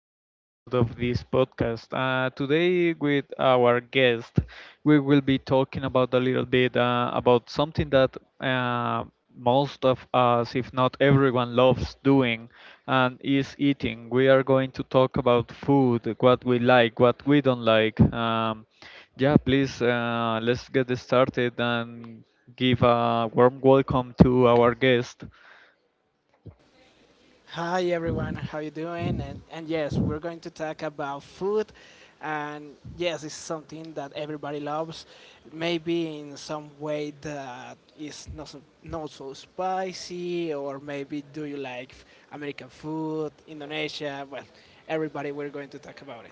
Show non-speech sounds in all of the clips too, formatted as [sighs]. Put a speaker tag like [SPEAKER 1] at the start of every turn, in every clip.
[SPEAKER 1] new episode of this podcast. Today, with our guest, we will be talking about a little bit about something that most of us, if not everyone, loves doing and is eating. We are going to talk about food, what we like, what we don't like. Yeah, please, let's get started and give a warm welcome to our guest.
[SPEAKER 2] Hi everyone, how you doing? And yes, we're going to talk about food, and yes, it's something that everybody loves. Maybe in some way that is not so, spicy, or maybe do you like American food, Indonesia? Well, everybody, we're going to talk about it.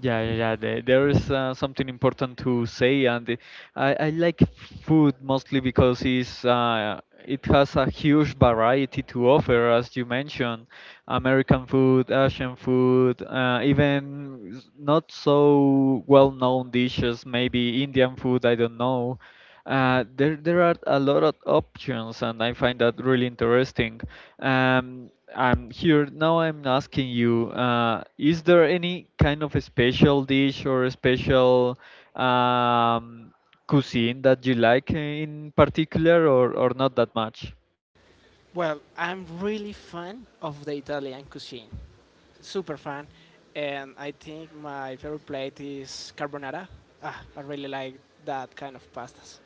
[SPEAKER 1] Yeah, yeah, yeah. There is something important to say, and I like food mostly because it's it has a huge variety to offer, as you mentioned, American food, Asian food, even not so well-known dishes, maybe Indian food, I don't know. There are a lot of options, and I find that really interesting. Um, I'm here now. I'm asking you: is there any kind of a special dish or a special um, cuisine that you like in particular, or not that much?
[SPEAKER 2] Well, I'm really fan of the Italian cuisine, super fan, and I think my favorite plate is carbonara. Ah, I really like that kind of pastas.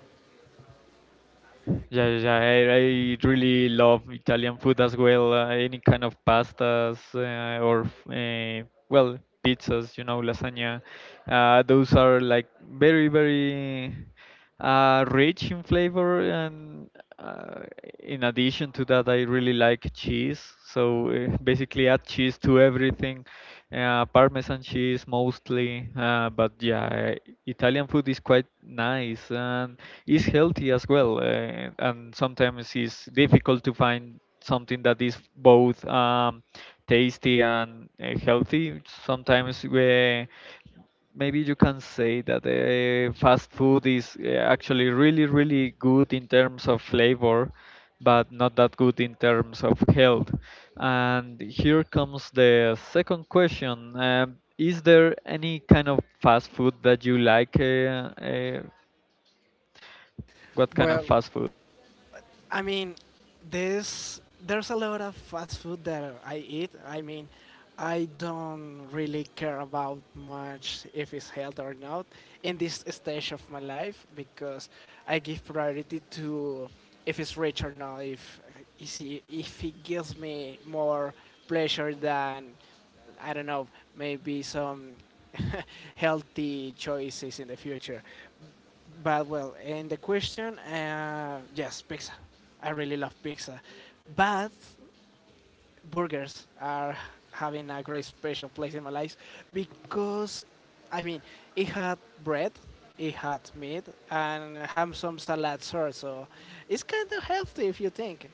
[SPEAKER 1] Yeah, yeah, yeah, I really love Italian food as well. Any kind of pastas or, uh, well, pizzas, you know, lasagna. Those are like very, very rich in flavor. And uh, in addition to that, I really like cheese. So basically, add cheese to everything, Parmesan cheese mostly. But yeah, Italian food is quite nice and is healthy as well. And sometimes it's difficult to find something that is both tasty and healthy. Sometimes we maybe you can say that fast food is actually really, really good in terms of flavor, but not that good in terms of health. And here comes the second question. Is there any kind of fast food that you like? What kind of
[SPEAKER 2] Well,
[SPEAKER 1] fast food?
[SPEAKER 2] I mean, this there's a lot of fast food that I eat. I mean, I don't really care about much if it's health or not in this stage of my life because I give priority to if it's rich or not. If it gives me more pleasure than I don't know maybe some [laughs] healthy choices in the future. But well, in the question, yes, pizza. I really love pizza, but burgers are having a great special place in my life because, I mean, it had bread, it had meat, and have some salad sauce. So it's kind of healthy if you think.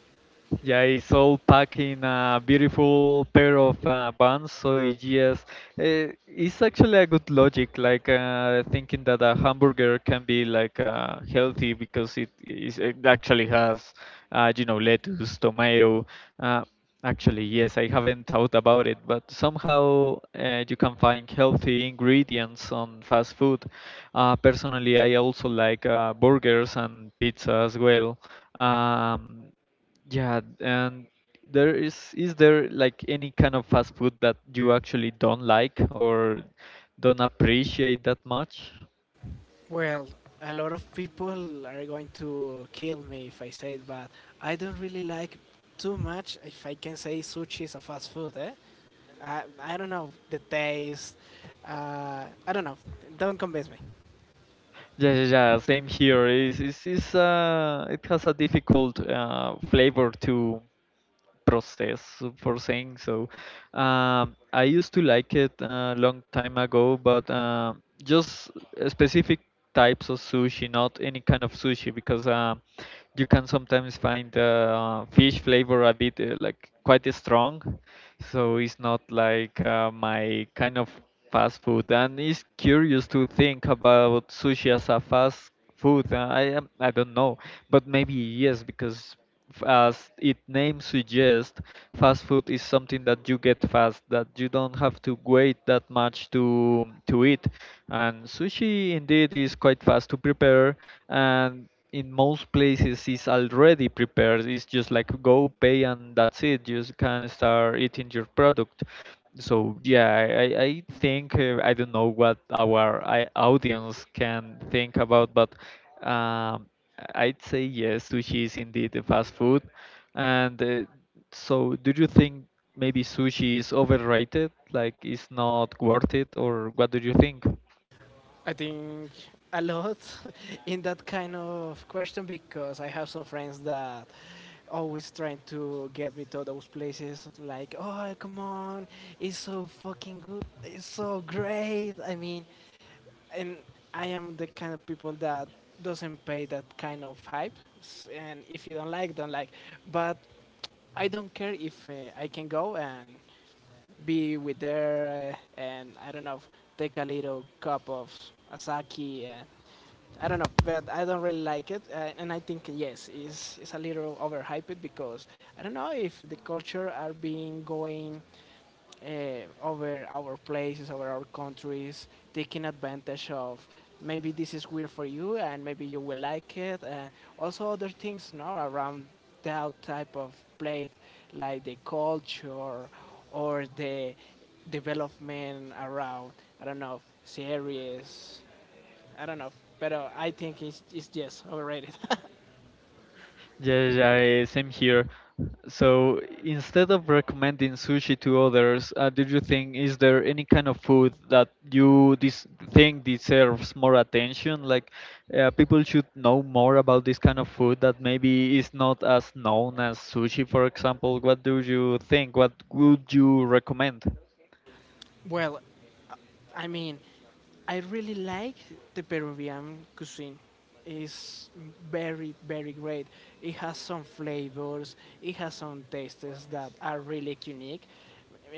[SPEAKER 1] Yeah, it's all packed in a beautiful pair of bands. So yes, it's actually a good logic, like thinking that a hamburger can be like healthy because it is it actually has, you know, lettuce, tomato. Uh, actually, yes, I haven't thought about it, but somehow you can find healthy ingredients on fast food. Personally, I also like burgers and pizza as well. Um, yeah, and there is there like any kind of fast food that you actually don't like or don't appreciate that much?
[SPEAKER 2] Well, a lot of people are going to kill me if I say it, but I don't really like too much if I can say sushi is a fast food, eh? I don't know the taste. I don't know. Don't convince me.
[SPEAKER 1] Yeah, yeah, yeah. Same here. Is it has a difficult flavor to process for saying so. I used to like it a long time ago, but just specific types of sushi, not any kind of sushi, because you can sometimes find fish flavor a bit like quite strong, so it's not like my kind of fast food. And it's curious to think about sushi as a fast food, I am, I don't know, but maybe yes, because as its name suggests, fast food is something that you get fast, that you don't have to wait that much to eat. And sushi indeed is quite fast to prepare, and in most places is already prepared. It's just like go pay and that's it. You can start eating your product, so yeah I think I don't know what our audience can think about, but um, I'd say yes, sushi is indeed a fast food, and so do you think maybe sushi is overrated, like it's not worth it, or what do you think?
[SPEAKER 2] I think a lot [laughs] in that kind of question because I have some friends that always trying to get me to those places like oh come on it's so fucking good it's so great I mean and I am the kind of people that doesn't pay that kind of hype, and if you don't like, don't like. But I don't care if I can go and be with her, and I don't know, take a little cup of Asaki, and I don't know, but I don't really like it, and I think yes, it's a little overhyped because I don't know if the culture are being going over our places, over our countries, taking advantage of maybe this is weird for you and maybe you will like it, and also other things now around that type of plate, like the culture or the development around I don't know series, I don't know. But I think it's just overrated.
[SPEAKER 1] Yeah, yeah, yeah, same here. So instead of recommending sushi to others, do you think is there any kind of food that you think deserves more attention? Like people should know more about this kind of food that maybe is not as known as sushi, for example. What do you think? What would you recommend?
[SPEAKER 2] [laughs] Well, I mean, I really like the Peruvian cuisine. It's very, very great. It has some flavors, it has some tastes that are really unique,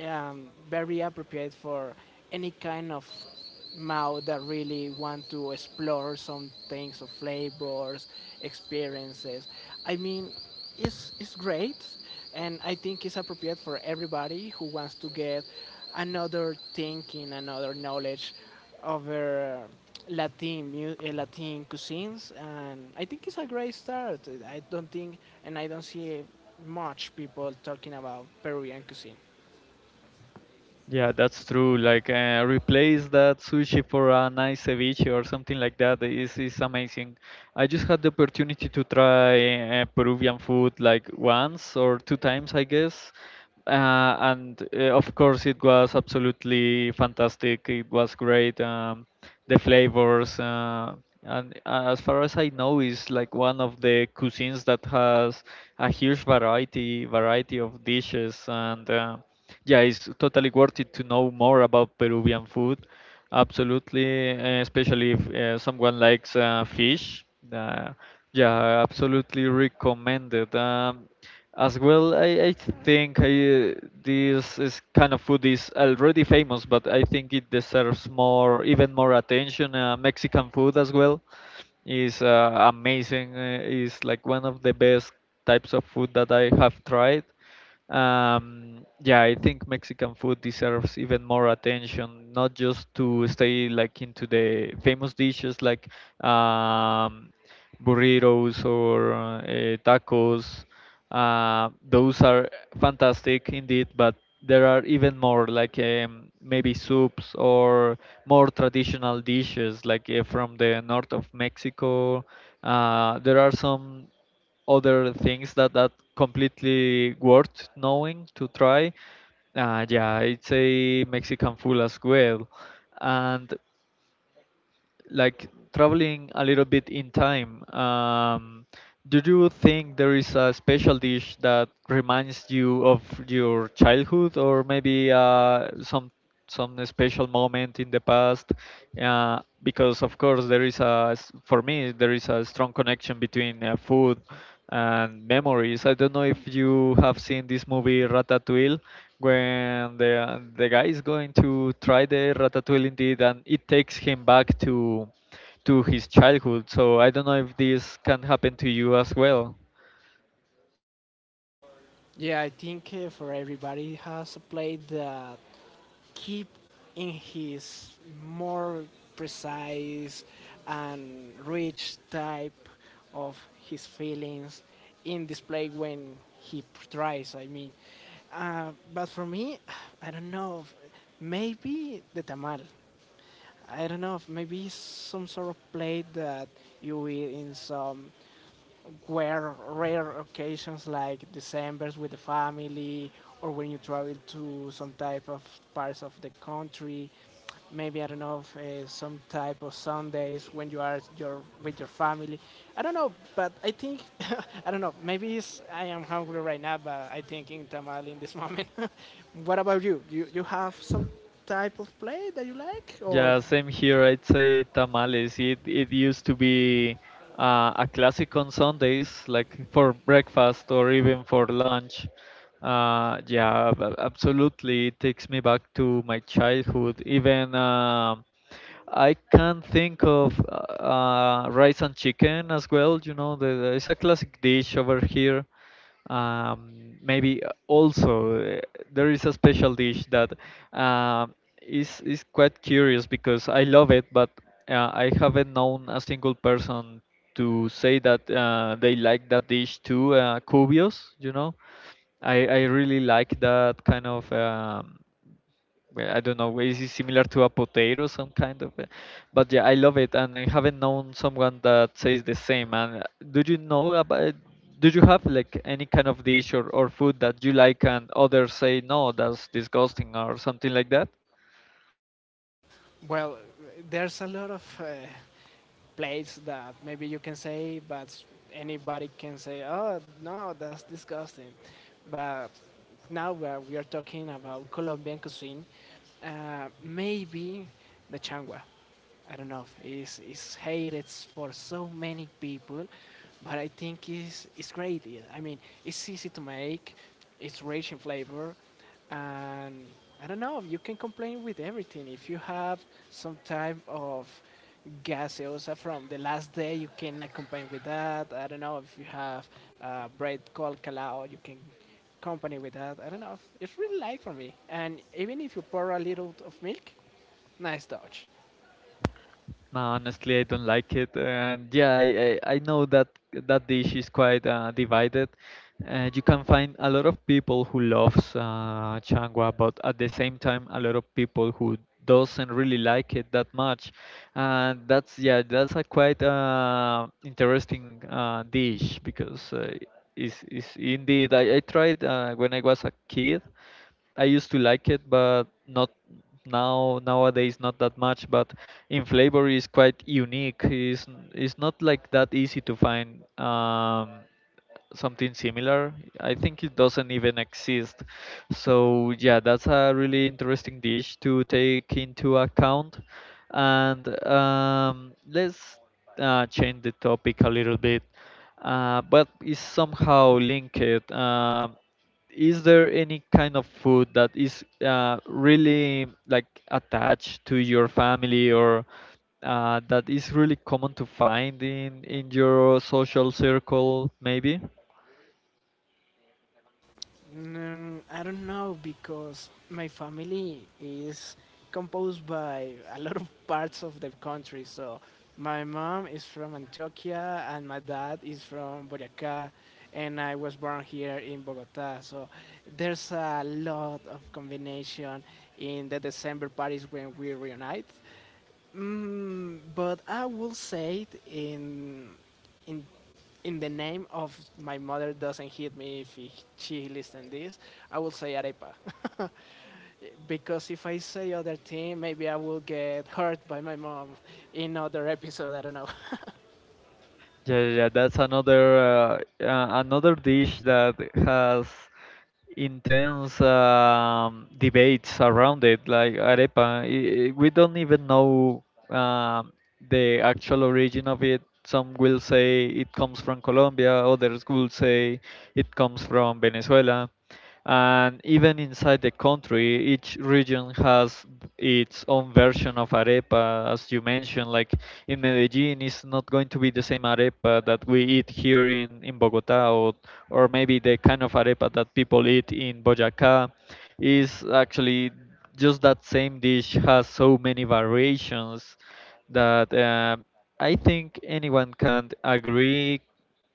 [SPEAKER 2] very appropriate for any kind of mouth that really want to explore some things of flavors, experiences. I mean, it's great and I think it's appropriate for everybody who wants to get another thinking, another knowledge over Latin Latin cuisines, and I think it's a great start. I don't think, and I don't see much people talking about Peruvian cuisine.
[SPEAKER 1] Yeah, that's true. Like replace that sushi for a nice ceviche or something like that is amazing. I just had the opportunity to try Peruvian food like once or two times, I guess. Uh, and of course, it was absolutely fantastic. It was great. The flavors. And as far as I know, is like one of the cuisines that has a huge variety of dishes, and yeah, it's totally worth it to know more about Peruvian food. Absolutely, especially if someone likes fish. Uh, yeah, absolutely recommended. As well, I think I this is kind of food is already famous, but I think it deserves more, even more attention. Mexican food as well is amazing. Is like one of the best types of food that I have tried. Yeah, I think Mexican food deserves even more attention, not just to stay like into the famous dishes like um, burritos or tacos. Those are fantastic indeed, but there are even more like maybe soups or more traditional dishes like from the north of Mexico. There are some other things that completely worth knowing to try. Yeah, it's a Mexican food as well, and like traveling a little bit in time, do you think there is a special dish that reminds you of your childhood, or maybe some special moment in the past? Because of course there is a for me there is a strong connection between food and memories. I don't know if you have seen this movie Ratatouille when the guy is going to try the ratatouille indeed, and it takes him back to his childhood. So I don't know if this can happen to you as well.
[SPEAKER 2] Yeah, I think for everybody has a play that keep in his more precise and rich type of his feelings in display when he tries. I mean, but for me, [sighs] I don't know. Maybe the tamal. I don't know. If Maybe it's some sort of plate that you eat in some were rare occasions like December's with the family or when you travel to some type of parts of the country. Maybe I don't know if, some type of Sundays when you are your with your family. I don't know, but I think [laughs] I don't know. Maybe it's, I am hungry right now, but I think in tamal in this moment. [laughs] What about you? You have some type of play that you like, or
[SPEAKER 1] Yeah, same here. I'd say tamales. It used to be a classic on Sundays, like for breakfast or even for lunch. Yeah, absolutely. It takes me back to my childhood. Even I can think of rice and chicken as well. You know, it's a classic dish over here. Maybe also there is a special dish that uh, is quite curious because I love it, but I haven't known a single person to say that they like that dish too. Cubios, you know, I really like that kind of. Well, I don't know, is it similar to a potato, some kind of it? But yeah, I love it, and I haven't known someone that says the same. And do you know about? Do you have like any kind of dish or food that you like and others say no, that's disgusting or something like that?
[SPEAKER 2] well, there's a lot of. Place that maybe you can say, but anybody can say, "Oh no, that's disgusting." But now where we are talking about Colombian cuisine, maybe the changua. I don't know. It's hated for so many people, but I think it's great. Yeah. I mean, it's easy to make. It's rich in flavor, and I don't know. You can complain with everything. If you have some type of gaseosa from the last day, you cannot complain with that. I don't know if you have bread called calao, you can company with that. I don't know. It's really light for me. And even if you pour a little of milk, nice touch.
[SPEAKER 1] No, honestly, I don't like it, and yeah, I know that that dish is quite divided. You can find a lot of people who loves changua, but at the same time, a lot of people who doesn't really like it that much. And that's yeah, that's a quite interesting dish because is indeed I tried when I was a kid I used to like it, but not nowadays not that much. But in flavor is quite unique. It's not like that easy to find something similar. I think it doesn't even exist. So yeah, that's a really interesting dish to take into account. And let's change the topic a little bit, but it's somehow linked. Um is there any kind of food that is really like attached to your family or that is really common to find in your social circle maybe?
[SPEAKER 2] Mm, I don't know because my family is composed by a lot of parts of the country. So my mom is from Antioquia and my dad is from Boyacá, and I was born here in Bogotá. So there's a lot of combination in the December parties when we reunite. Mm, but I will say it in in the name of my mother doesn't hit me if she listens this. I will say arepa [laughs] because if I say other thing, maybe I will get hurt by my mom in other episode. I don't know.
[SPEAKER 1] Yeah, yeah, yeah, that's another another dish that has intense debates around it, like arepa. We don't even know um, the actual origin of it. Some will say it comes from Colombia, others will say it comes from Venezuela. And even inside the country, each region has its own version of arepa, as you mentioned. Like in Medellin, it's not going to be the same arepa that we eat here in, Bogota, or maybe the kind of arepa that people eat in Boyacá is actually just that same dish has so many variations that I think anyone can agree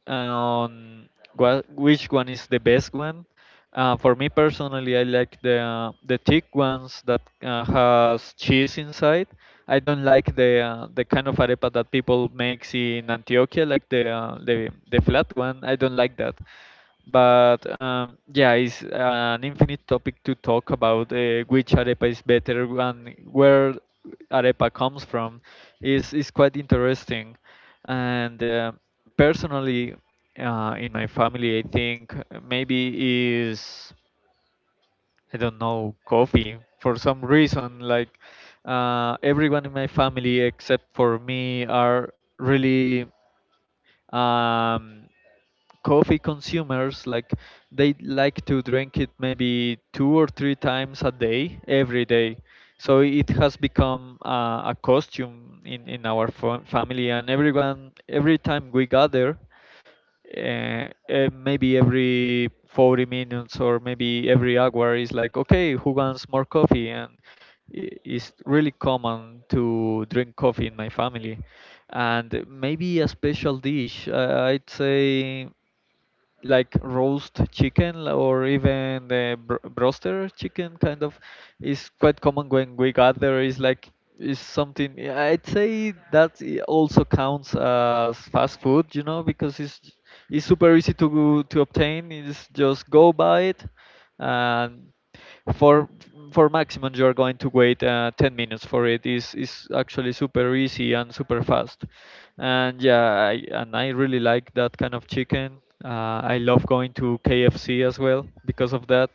[SPEAKER 1] on what which one is the best one. For me personally, I like the thick ones that has cheese inside. I don't like the kind of arepa that people makes in Antioquia, like the the flat one. I don't like that. But yeah, it's an infinite topic to talk about which arepa is better and where arepa comes from. Is quite interesting, and personally, in my family, I think maybe is I don't know coffee for some reason. Like, everyone in my family except for me are really um, coffee consumers, like they like to drink it maybe two or three times a day every day. So it has become a costume in our family, and everyone every time we gather maybe every 40 minutes or maybe every hour is like, okay, who wants more coffee? And it's really common to drink coffee in my family. And maybe a special dish, I'd say, like roast chicken or even the broster chicken kind of is quite common when we gather. Is like, is something, yeah, I'd say that also counts as fast food, because it's super easy to to obtain. It's just go buy it. And for for maximum you're going to wait 10 minutes for it. Is actually super easy and super fast. And yeah, and I really like that kind of chicken. I love going to KFC as well because of that.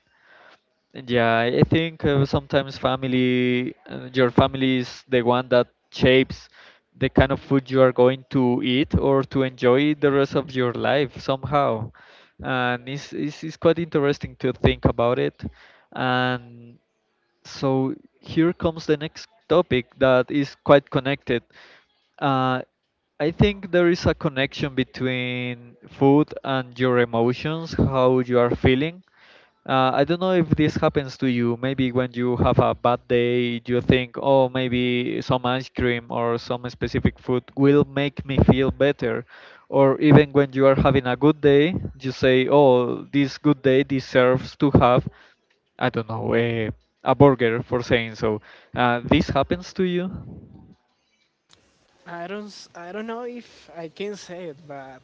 [SPEAKER 1] Yeah, I think sometimes your family is the one that shapes the kind of food you are going to eat or to enjoy the rest of your life somehow. And it's quite interesting to think about it. And so here comes the next topic, that is quite connected. Uh, I think there is a connection between food and your emotions, how you are feeling. I don't know if this happens to you. Maybe when you have a bad day, you think, oh, maybe some ice cream or some specific food will make me feel better. Or even when you are having a good day, you say, oh, this good day deserves to have, I don't know, a burger, for saying so. This happens to you?
[SPEAKER 2] [laughs] I don't s- I don't know if I can say it, but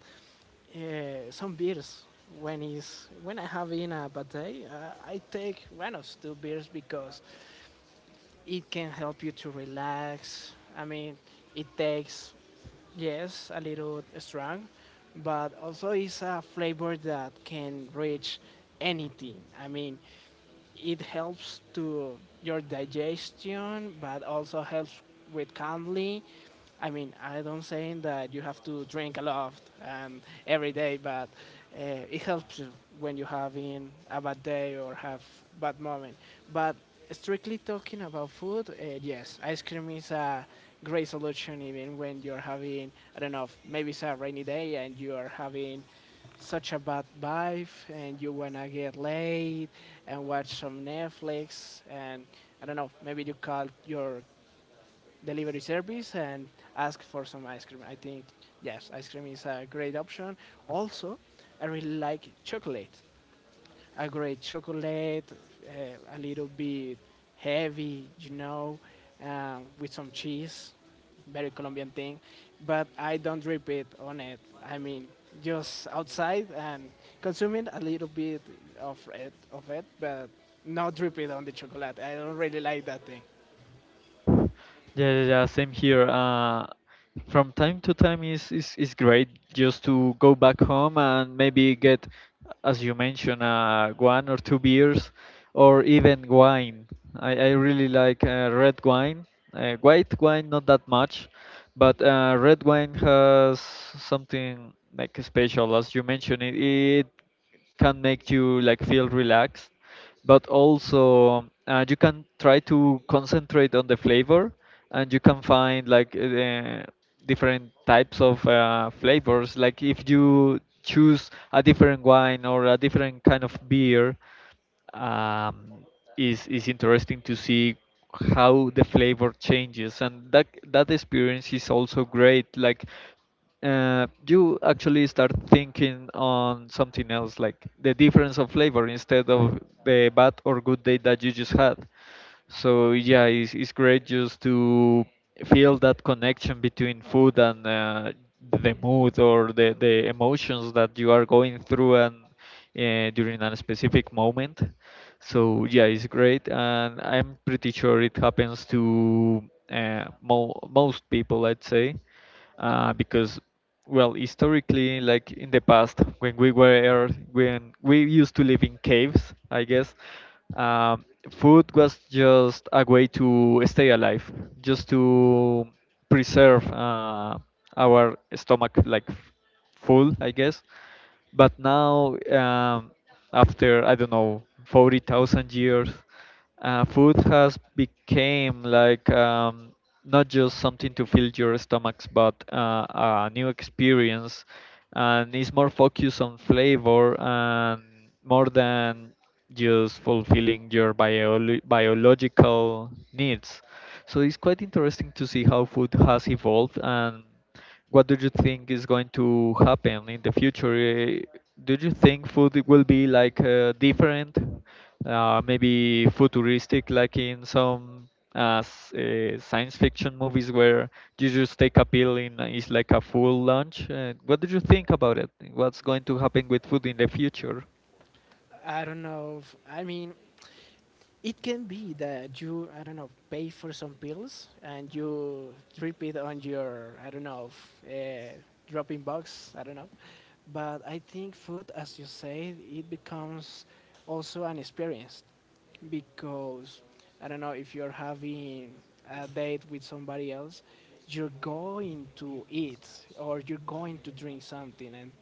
[SPEAKER 2] some beers when is when I have in a bad day, I take one of two beers because it can help you to relax. I mean, it takes, yes, a little strong, but also it's a flavor that can reach anything. I mean, it helps to your digestion, but also helps with kindly. I mean, I don't saying that you have to drink a lot and every day, but it helps you when you having a bad day or have bad moment. But strictly talking about food, yes, ice cream is a great solution even when you're having I don't know, maybe it's a rainy day and you are having such a bad vibe and you wanna get laid and watch some Netflix and I don't know, maybe you call your delivery service and ask for some ice cream. I think yes, ice cream is a great option. Also, I really like chocolate a great chocolate, a little bit heavy, you know, with some cheese, very Colombian thing. But I don't drip it on it. I mean, just outside and consuming a little bit of it, but not drip it on the chocolate. I don't really like that thing.
[SPEAKER 1] Yeah, yeah, yeah, same here. From time to time is great just to go back home and maybe get, as you mentioned, one or two beers, or even wine. I really like red wine. White wine, not that much, but red wine has something like special. As you mentioned, it can make you like feel relaxed, but also you can try to concentrate on the flavor, and you can find like different types of flavors, like if you choose a different wine or a different kind of beer. um, is interesting to see how the flavor changes, and that experience is also great. Like you actually start thinking on something else, like the difference of flavor instead of the bad or good day that you just had. So yeah, it's great just to feel that connection between food and the mood or the emotions that you are going through, and during a specific moment. So yeah, it's great, and I'm pretty sure it happens to mo most people, I'd say, because well, historically, like in the past, when we were when we used to live in caves, I guess. um, Food was just a way to stay alive, just to preserve our stomach like full, I guess. But now after, I don't know, 40,000 years, food has become like, not just something to fill your stomachs, but a new experience, and it's more focused on flavor, and more than just fulfilling your biological needs. So it's quite interesting to see how food has evolved. And what do you think is going to happen in the future? Eh, do you think food will be like, different, maybe futuristic, like in some science fiction movies, where you just take a pill and it's like a full lunch. What did you think about it? What's going to happen with food in the future?
[SPEAKER 2] I don't know. If, I mean, it can be that you I don't know pay for some pills and you drip it on your I don't know dropping box I don't know but I think food as you say it becomes also an experience because I don't know if you're having a date with somebody else you're going to eat or you're going to drink something and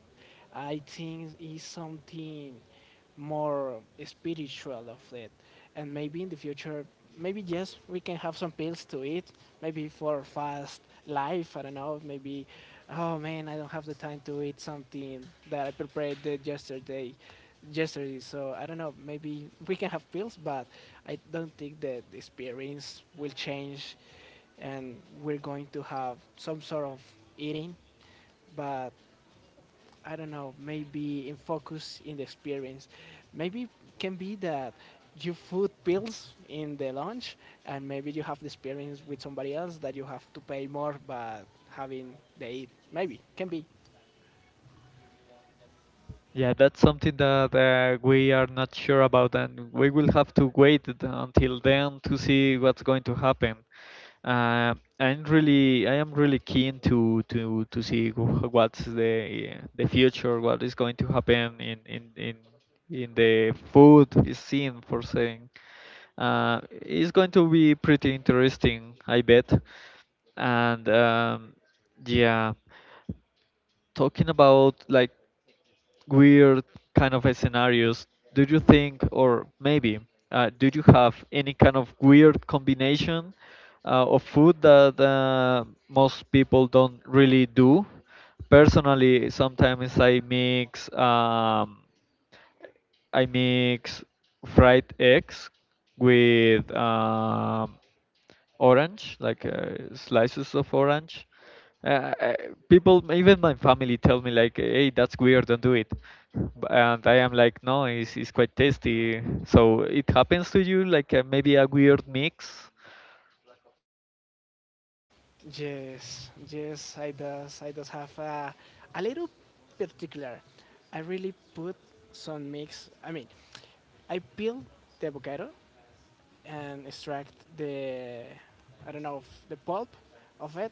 [SPEAKER 2] I think it's something more spiritual of it. And maybe in the future, maybe yes, we can have some pills to eat, maybe for fast life. I don't know, maybe, oh man, I don't have the time to eat something that I prepared the yesterday, so I don't know. Maybe we can have pills, but I don't think that the experience will change, and we're going to have some sort of eating. But I don't know, maybe in focus in the experience. Maybe can be that you food bills in the lunch and maybe you have the experience with somebody else that you have to pay more but having the eat. Maybe can be.
[SPEAKER 1] Yeah, that's something that we are not sure about, and we will have to wait until then to see what's going to happen. Uh, I am really keen to see what's the future, what is going to happen in the food scene, for saying. It's going to be pretty interesting, I bet. And yeah, talking about like weird kind of scenarios, do you think, or maybe, do you have any kind of weird combination of food that most people don't really do? Personally, sometimes I mix. I mix fried eggs with orange, like slices of orange. Uh, I- People, even my family, tell me like, "Hey, that's weird. Don't do it." And I am like, "No, it's quite tasty." So it happens to you, like maybe a weird mix?
[SPEAKER 2] Yes, yes, I does have a little particular. I really put some mix I mean I peel the avocado and extract the I don't know the pulp of it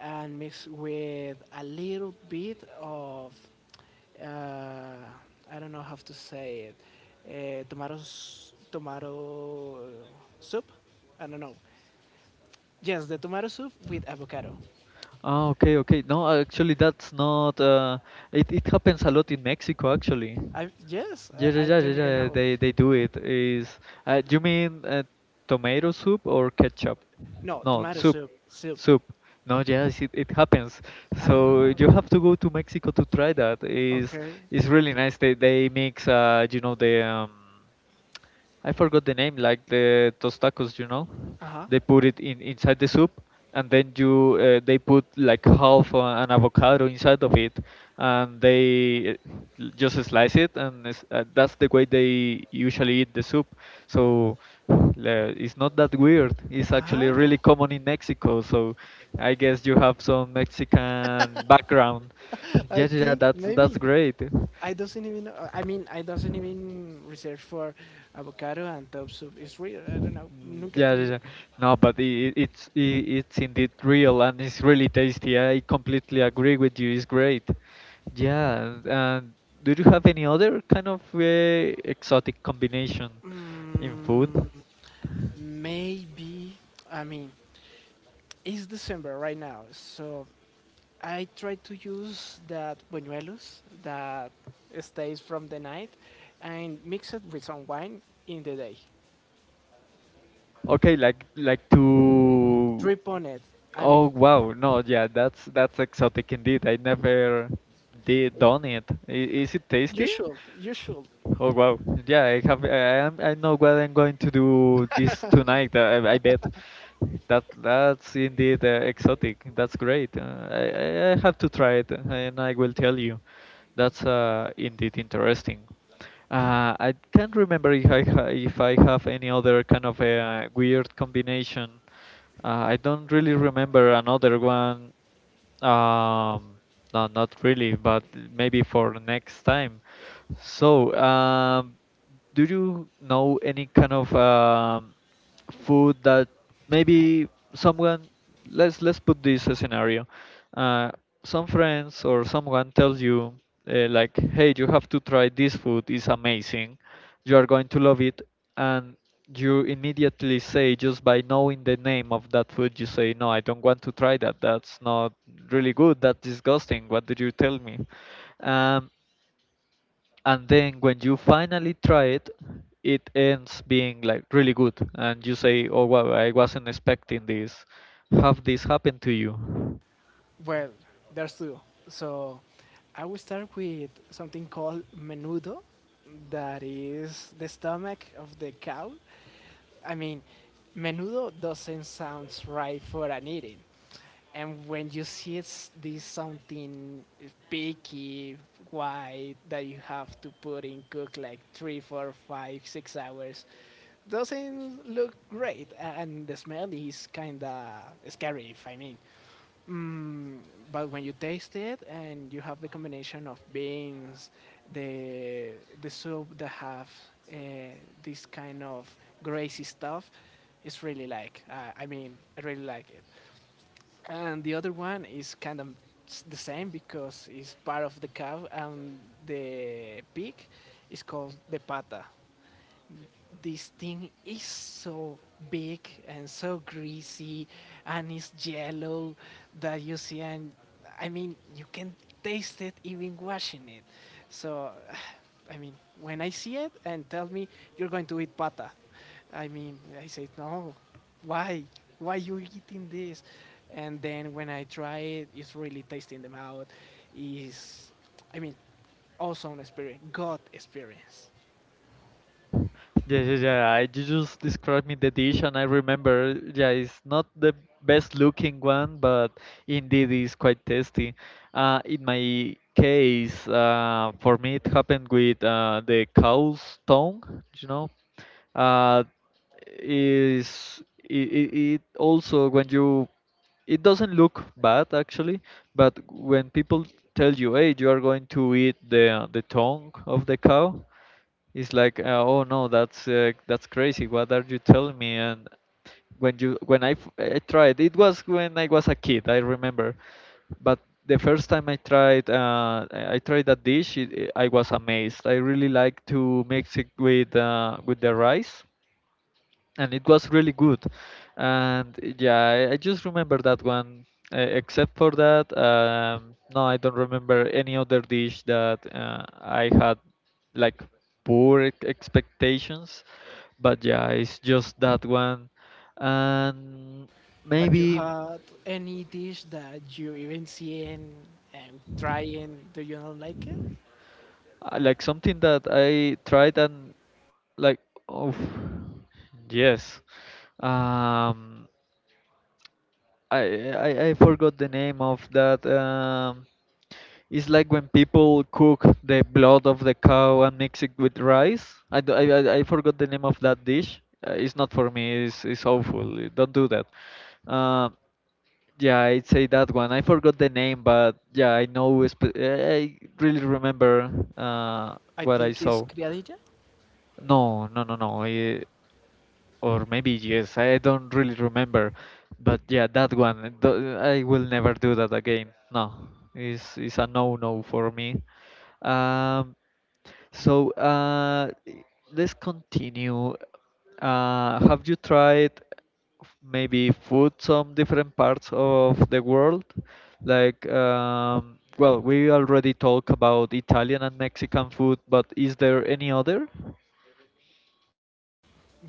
[SPEAKER 2] and mix with a little bit of uh, I don't know how to say it uh, tomato tomato soup I don't know yes the tomato soup with avocado
[SPEAKER 1] Oh, okay, okay. No, actually, that's not. It it happens a lot in Mexico, actually.
[SPEAKER 2] I yes
[SPEAKER 1] Yeah,
[SPEAKER 2] I
[SPEAKER 1] yeah, yeah,
[SPEAKER 2] don't
[SPEAKER 1] yeah,
[SPEAKER 2] even
[SPEAKER 1] yeah.
[SPEAKER 2] know
[SPEAKER 1] They do it. Is you mean tomato soup or ketchup?
[SPEAKER 2] no
[SPEAKER 1] No,
[SPEAKER 2] tomato
[SPEAKER 1] soup,
[SPEAKER 2] soup
[SPEAKER 1] soup. No, yes, it happens.
[SPEAKER 2] I don't
[SPEAKER 1] So
[SPEAKER 2] know
[SPEAKER 1] you have to go to Mexico to try that. Is
[SPEAKER 2] okay
[SPEAKER 1] it's really nice. They mix, you know, the I forgot the name, like the those tacos, you know.
[SPEAKER 2] uh huh
[SPEAKER 1] They put it in inside the soup, and then you they put like half an avocado inside of it, and they uh, just slice it, and it's, that's the way they usually eat the soup. So it's not that weird. It's actually really
[SPEAKER 2] ah
[SPEAKER 1] common in Mexico. So I guess you have some Mexican background.
[SPEAKER 2] [laughs] I
[SPEAKER 1] Yeah, yeah, yeah,
[SPEAKER 2] think
[SPEAKER 1] that's
[SPEAKER 2] maybe
[SPEAKER 1] great.
[SPEAKER 2] I doesn't even, I mean, I doesn't even research for avocado and top soup. It's real. I don't know.
[SPEAKER 1] Mm,
[SPEAKER 2] Nunca.
[SPEAKER 1] yeah, yeah, yeah. No, but it's indeed real, and it's really tasty. I completely agree with you. It's great. Yeah. And do you have any other kind of exotic combination in food?
[SPEAKER 2] Mm, maybe. I mean, it's December right now, so I try to use that buñuelos that stays from the night, and mix it with some wine in the day.
[SPEAKER 1] Okay, like to.
[SPEAKER 2] Drip on it. I
[SPEAKER 1] Oh
[SPEAKER 2] mean,
[SPEAKER 1] wow, no, yeah, that's exotic indeed. I never did done it. Is it
[SPEAKER 2] you
[SPEAKER 1] tasty?
[SPEAKER 2] should. You should.
[SPEAKER 1] Oh wow! Yeah, I have. I am. I know what I'm going to do this tonight. I bet. That's indeed exotic. That's great. Uh, I have to try it, and I will tell you. That's indeed interesting. I can't remember if I ha if I have any other kind of a weird combination. I don't really remember another one. Um, no, not really, but maybe for next time. So, do you know any kind of food that maybe someone, let's put this a scenario, uh, some friends or someone tells you, like, hey, you have to try this food, it's amazing, you are going to love it. And you immediately say, just by knowing the name of that food, you say, no, I don't want to try that, that's not really good, that's disgusting, what did you tell me? um, and then when you finally try it, it ends being like really good, and you say, oh wow, I wasn't expecting this. Have this happen to you?
[SPEAKER 2] Well, there's two. So I will start with something called menudo, that is the stomach of the cow. I mean, menudo doesn't sound right for an eating. And when you see it's this something picky, white that you have to put in cook like 3, 4, 5, 6 hours, doesn't look great, and the smell is kinda scary. If I mean, Mm, but when you taste it and you have the combination of beans, the the soup that have uh, this kind of greasy stuff, it's really like I mean I really like it. And the other one is kind of the same because it's part of the cow and the pig is called the pata. This thing is so big and so greasy and it's yellow that you see, and I mean you can taste it even washing it. So [sighs] i mean when I see it and tell me, "You're going to eat pata," I mean I say no. Why? Why you eating this? And then when I try it, it's really tasty in the mouth. Is, i mean awesome experience, god experience.
[SPEAKER 1] Yeah, yeah, yeah. I, you just described me the dish, and I remember. Yeah, it's not the best looking one, but indeed it's quite tasty. In my case, for me it happened with the cow's tongue. You know, uh, is it also when you, it doesn't look bad actually, but when people tell you, "Hey, you are going to eat the tongue of the cow," it's like, oh no, that's crazy. What are you telling me? And when I tried, it was when I was a kid, I remember. But the first time I tried, I tried that dish. I was amazed. I really like to mix it with the rice, and it was really good. And yeah, I just remember that one. Except for that, no, I don't remember any other dish that I had like poor expectations. But yeah, it's just that one. And
[SPEAKER 2] But you
[SPEAKER 1] maybe
[SPEAKER 2] had any dish that you even see and try and do you not like it?
[SPEAKER 1] like something that I tried and like, oh yes, um I forgot the name of that, it's like when people cook the blood of the cow and mix it with rice. I, d- I forgot the name of that dish. It's not for me. It's awful. Don't do that. Uh, yeah, I'd say that one. I forgot the name, but yeah, I know. I really remember uh,
[SPEAKER 2] I
[SPEAKER 1] what I
[SPEAKER 2] think
[SPEAKER 1] saw.
[SPEAKER 2] it's criadilla.
[SPEAKER 1] No, no, no, no. Or maybe yes, I don't really remember. But yeah, that one, I will never do that again. No, it's a no no for me. um, so uh, i- let's continue. Have you tried maybe food some different parts of the world, like well, we already talk about Italian and Mexican food, but is there any other?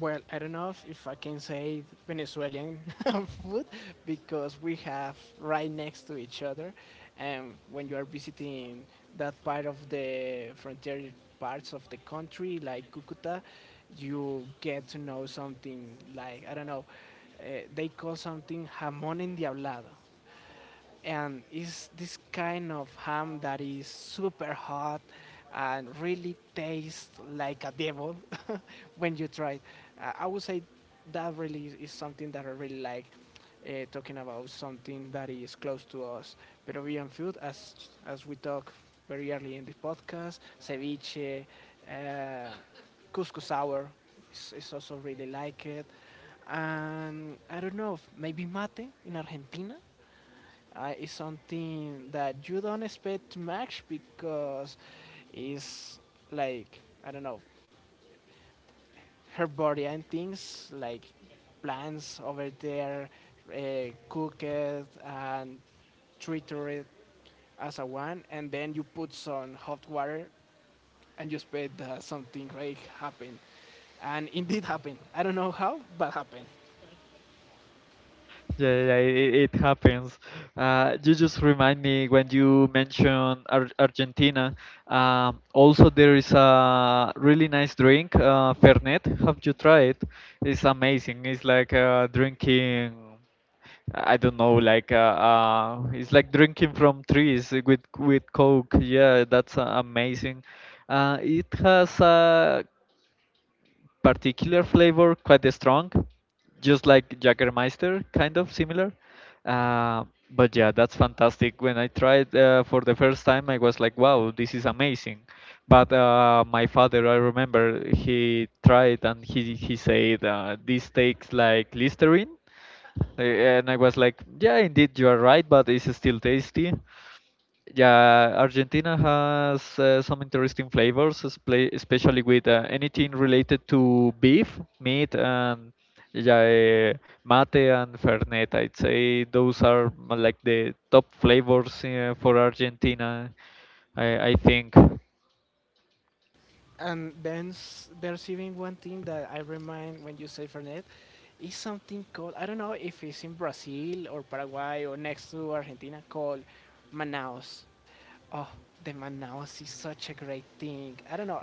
[SPEAKER 2] Well, I don't know if I can say Venezuelan [laughs] food because we have right next to each other. And when you are visiting that part of the frontier parts of the country, like Cucuta, you get to know something like, I don't know, they call something jamón endiablado, and it's this kind of ham that is super hot and really tastes like a devil [laughs] when you try it. I would say that really is something that I really like. Talking about something that is close to us, Peruvian food, as we talk very early in the podcast, ceviche, uh, couscous sour, is also really like it. And I don't know, maybe mate in Argentina is something that you don't expect to match because it's like, I don't know, her body things like plants over there, cooked and treated it as a one, and then you put some hot water and you expect that something great happen, and indeed happened. I don't know how, but happened.
[SPEAKER 1] Yeah, yeah, it happens. You just remind me when you mention Argentina. Also, there is a really nice drink, Fernet. Have you tried? It's amazing. It's like drinking. I don't know, like it's like drinking from trees with Coke. Yeah, that's amazing. It has a particular flavor, quite strong, just like Jagermeister, kind of similar. Uh, but yeah, that's fantastic. When I tried for the first time, I was like, wow, this is amazing. But my father, I remember, he tried and he said, this tastes like Listerine. And I was like, yeah, indeed, you are right, but it's still tasty. Yeah, Argentina has some interesting flavors, especially with anything related to beef, meat, and yeah, mate and fernet. I'd say those are like the top flavors for Argentina, I think.
[SPEAKER 2] And then there's even one thing that I remind when you say Fernet is something called, I don't know if it's in Brazil or Paraguay or next to Argentina, called Manaus. Oh, the Manaus is such a great thing. I don't know.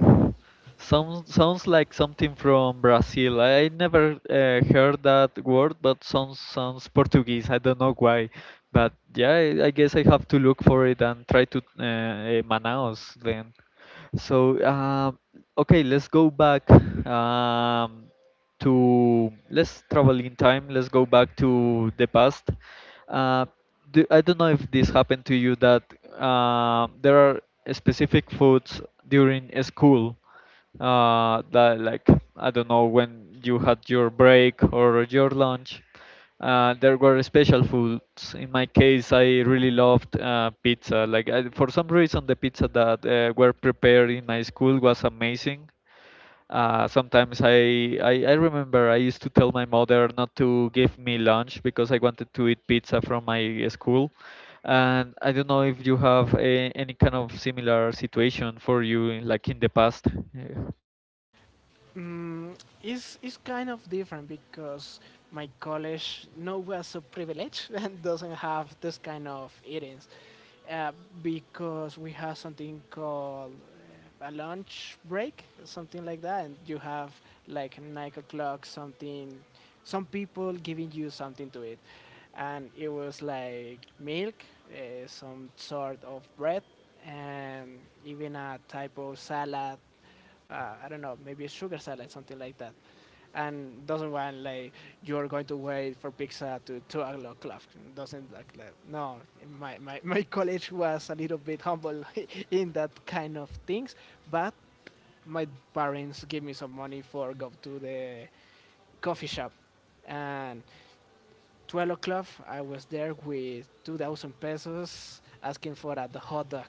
[SPEAKER 1] Sounds like something from Brazil. I never heard that word, but sounds Portuguese. I don't know why, but yeah, I guess I have to look for it and try to Manaus then. So, okay, let's go back um, to let's travel in time. Let's go back to the past. Uh, I don't know if this happened to you that there are specific foods during a school uh, that, like, I don't know, when you had your break or your lunch. There were special foods. In my case, I really loved pizza. Like I, for some reason, the pizza that were prepared in my school was amazing. Sometimes I remember I used to tell my mother not to give me lunch because I wanted to eat pizza from my school. And I don't know if you have any kind of similar situation for you, like in the past. Yeah.
[SPEAKER 2] Mm, it's kind of different because my college no was so privileged [laughs] and doesn't have this kind of eatings, uh, because we have something called a lunch break, something like that, and you have like 9 o'clock, something, some people giving you something to eat. And it was like milk, some sort of bread, and even a type of salad, I don't know, maybe a sugar salad, something like that, and doesn't want like you're going to wait for pizza to 2 o'clock. Doesn't like that. No, [laughs] my college was a little bit humble [laughs] in that kind of things. But my parents gave me some money for go to the coffee shop, and 12 o'clock I was there with 2,000 pesos asking for a hot dog.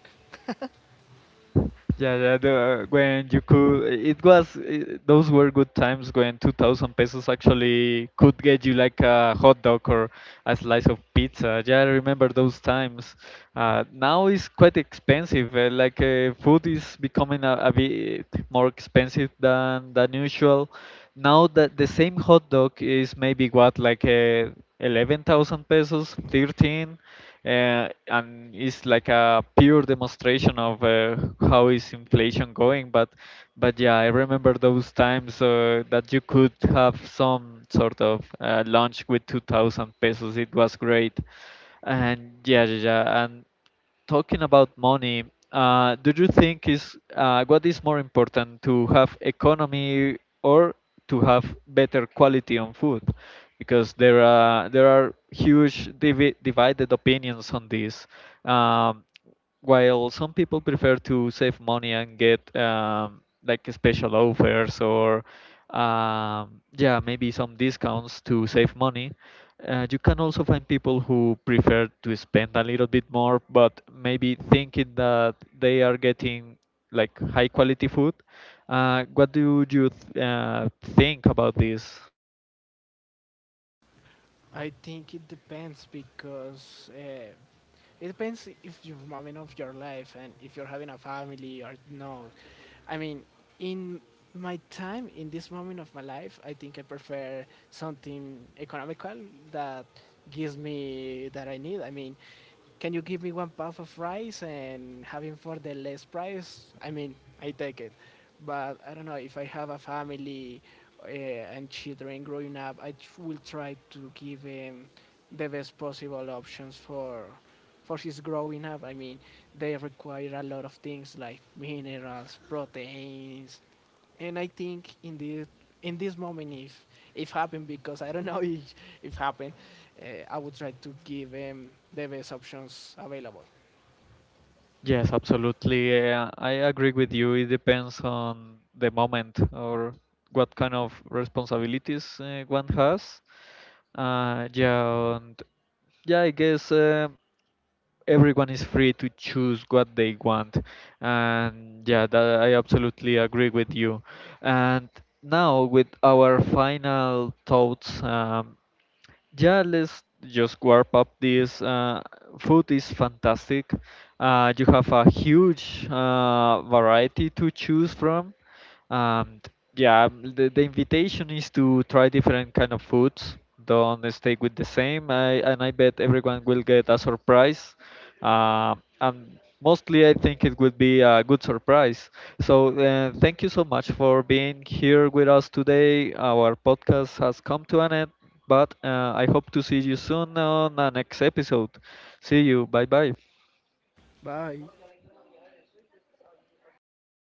[SPEAKER 1] Yeah, yeah, when you could, it was, those were good times when 2,000 pesos actually could get you like a hot dog or a slice of pizza. Yeah, I remember those times. Now it's quite expensive. Food is becoming a bit more expensive than usual. Now that the same hot dog is maybe what like 11,000 pesos, thirteen, and it's like a pure demonstration of how is inflation going. But yeah, I remember those times that you could have some sort of lunch with 2,000 pesos. It was great. And yeah, yeah, yeah. And talking about money, do you think is what is more important to have economy or to have better quality on food? Because there are huge divided opinions on this. Um, while some people prefer to save money and get like special offers or yeah maybe some discounts to save money you can also find people who prefer to spend a little bit more, but maybe thinking that they are getting like high quality food. What do you think about this?
[SPEAKER 2] I think it depends because it depends if you're moment of your life and if you're having a family or no. I mean, in my time, in this moment of my life, I think I prefer something economical that gives me that I need. I mean, can you give me one puff of rice and having for the less price? I mean, I take it. But I don't know if I have a family uh, and children growing up, will try to give him the best possible options for his growing up. I mean, they require a lot of things like minerals, proteins. And I think in this moment, if happened, because I don't [laughs] know if happened, I would try to give them the best options available.
[SPEAKER 1] Yes, absolutely. I agree with you. It depends on the moment or what kind of responsibilities one has. Yeah, and yeah, I guess everyone is free to choose what they want, and yeah, that I absolutely agree with you. And now with our final thoughts. Yeah, let's just warp up this. Food is fantastic. You have a huge variety to choose from. Um, yeah, the invitation is to try different kind of foods. Don't stay with the same. And I bet everyone will get a surprise. Uh, and mostly, I think it would be a good surprise. So, thank you so much for being here with us today. Our podcast has come to an end. But I hope to see you soon on the next episode. See you. Bye bye.
[SPEAKER 2] Bye.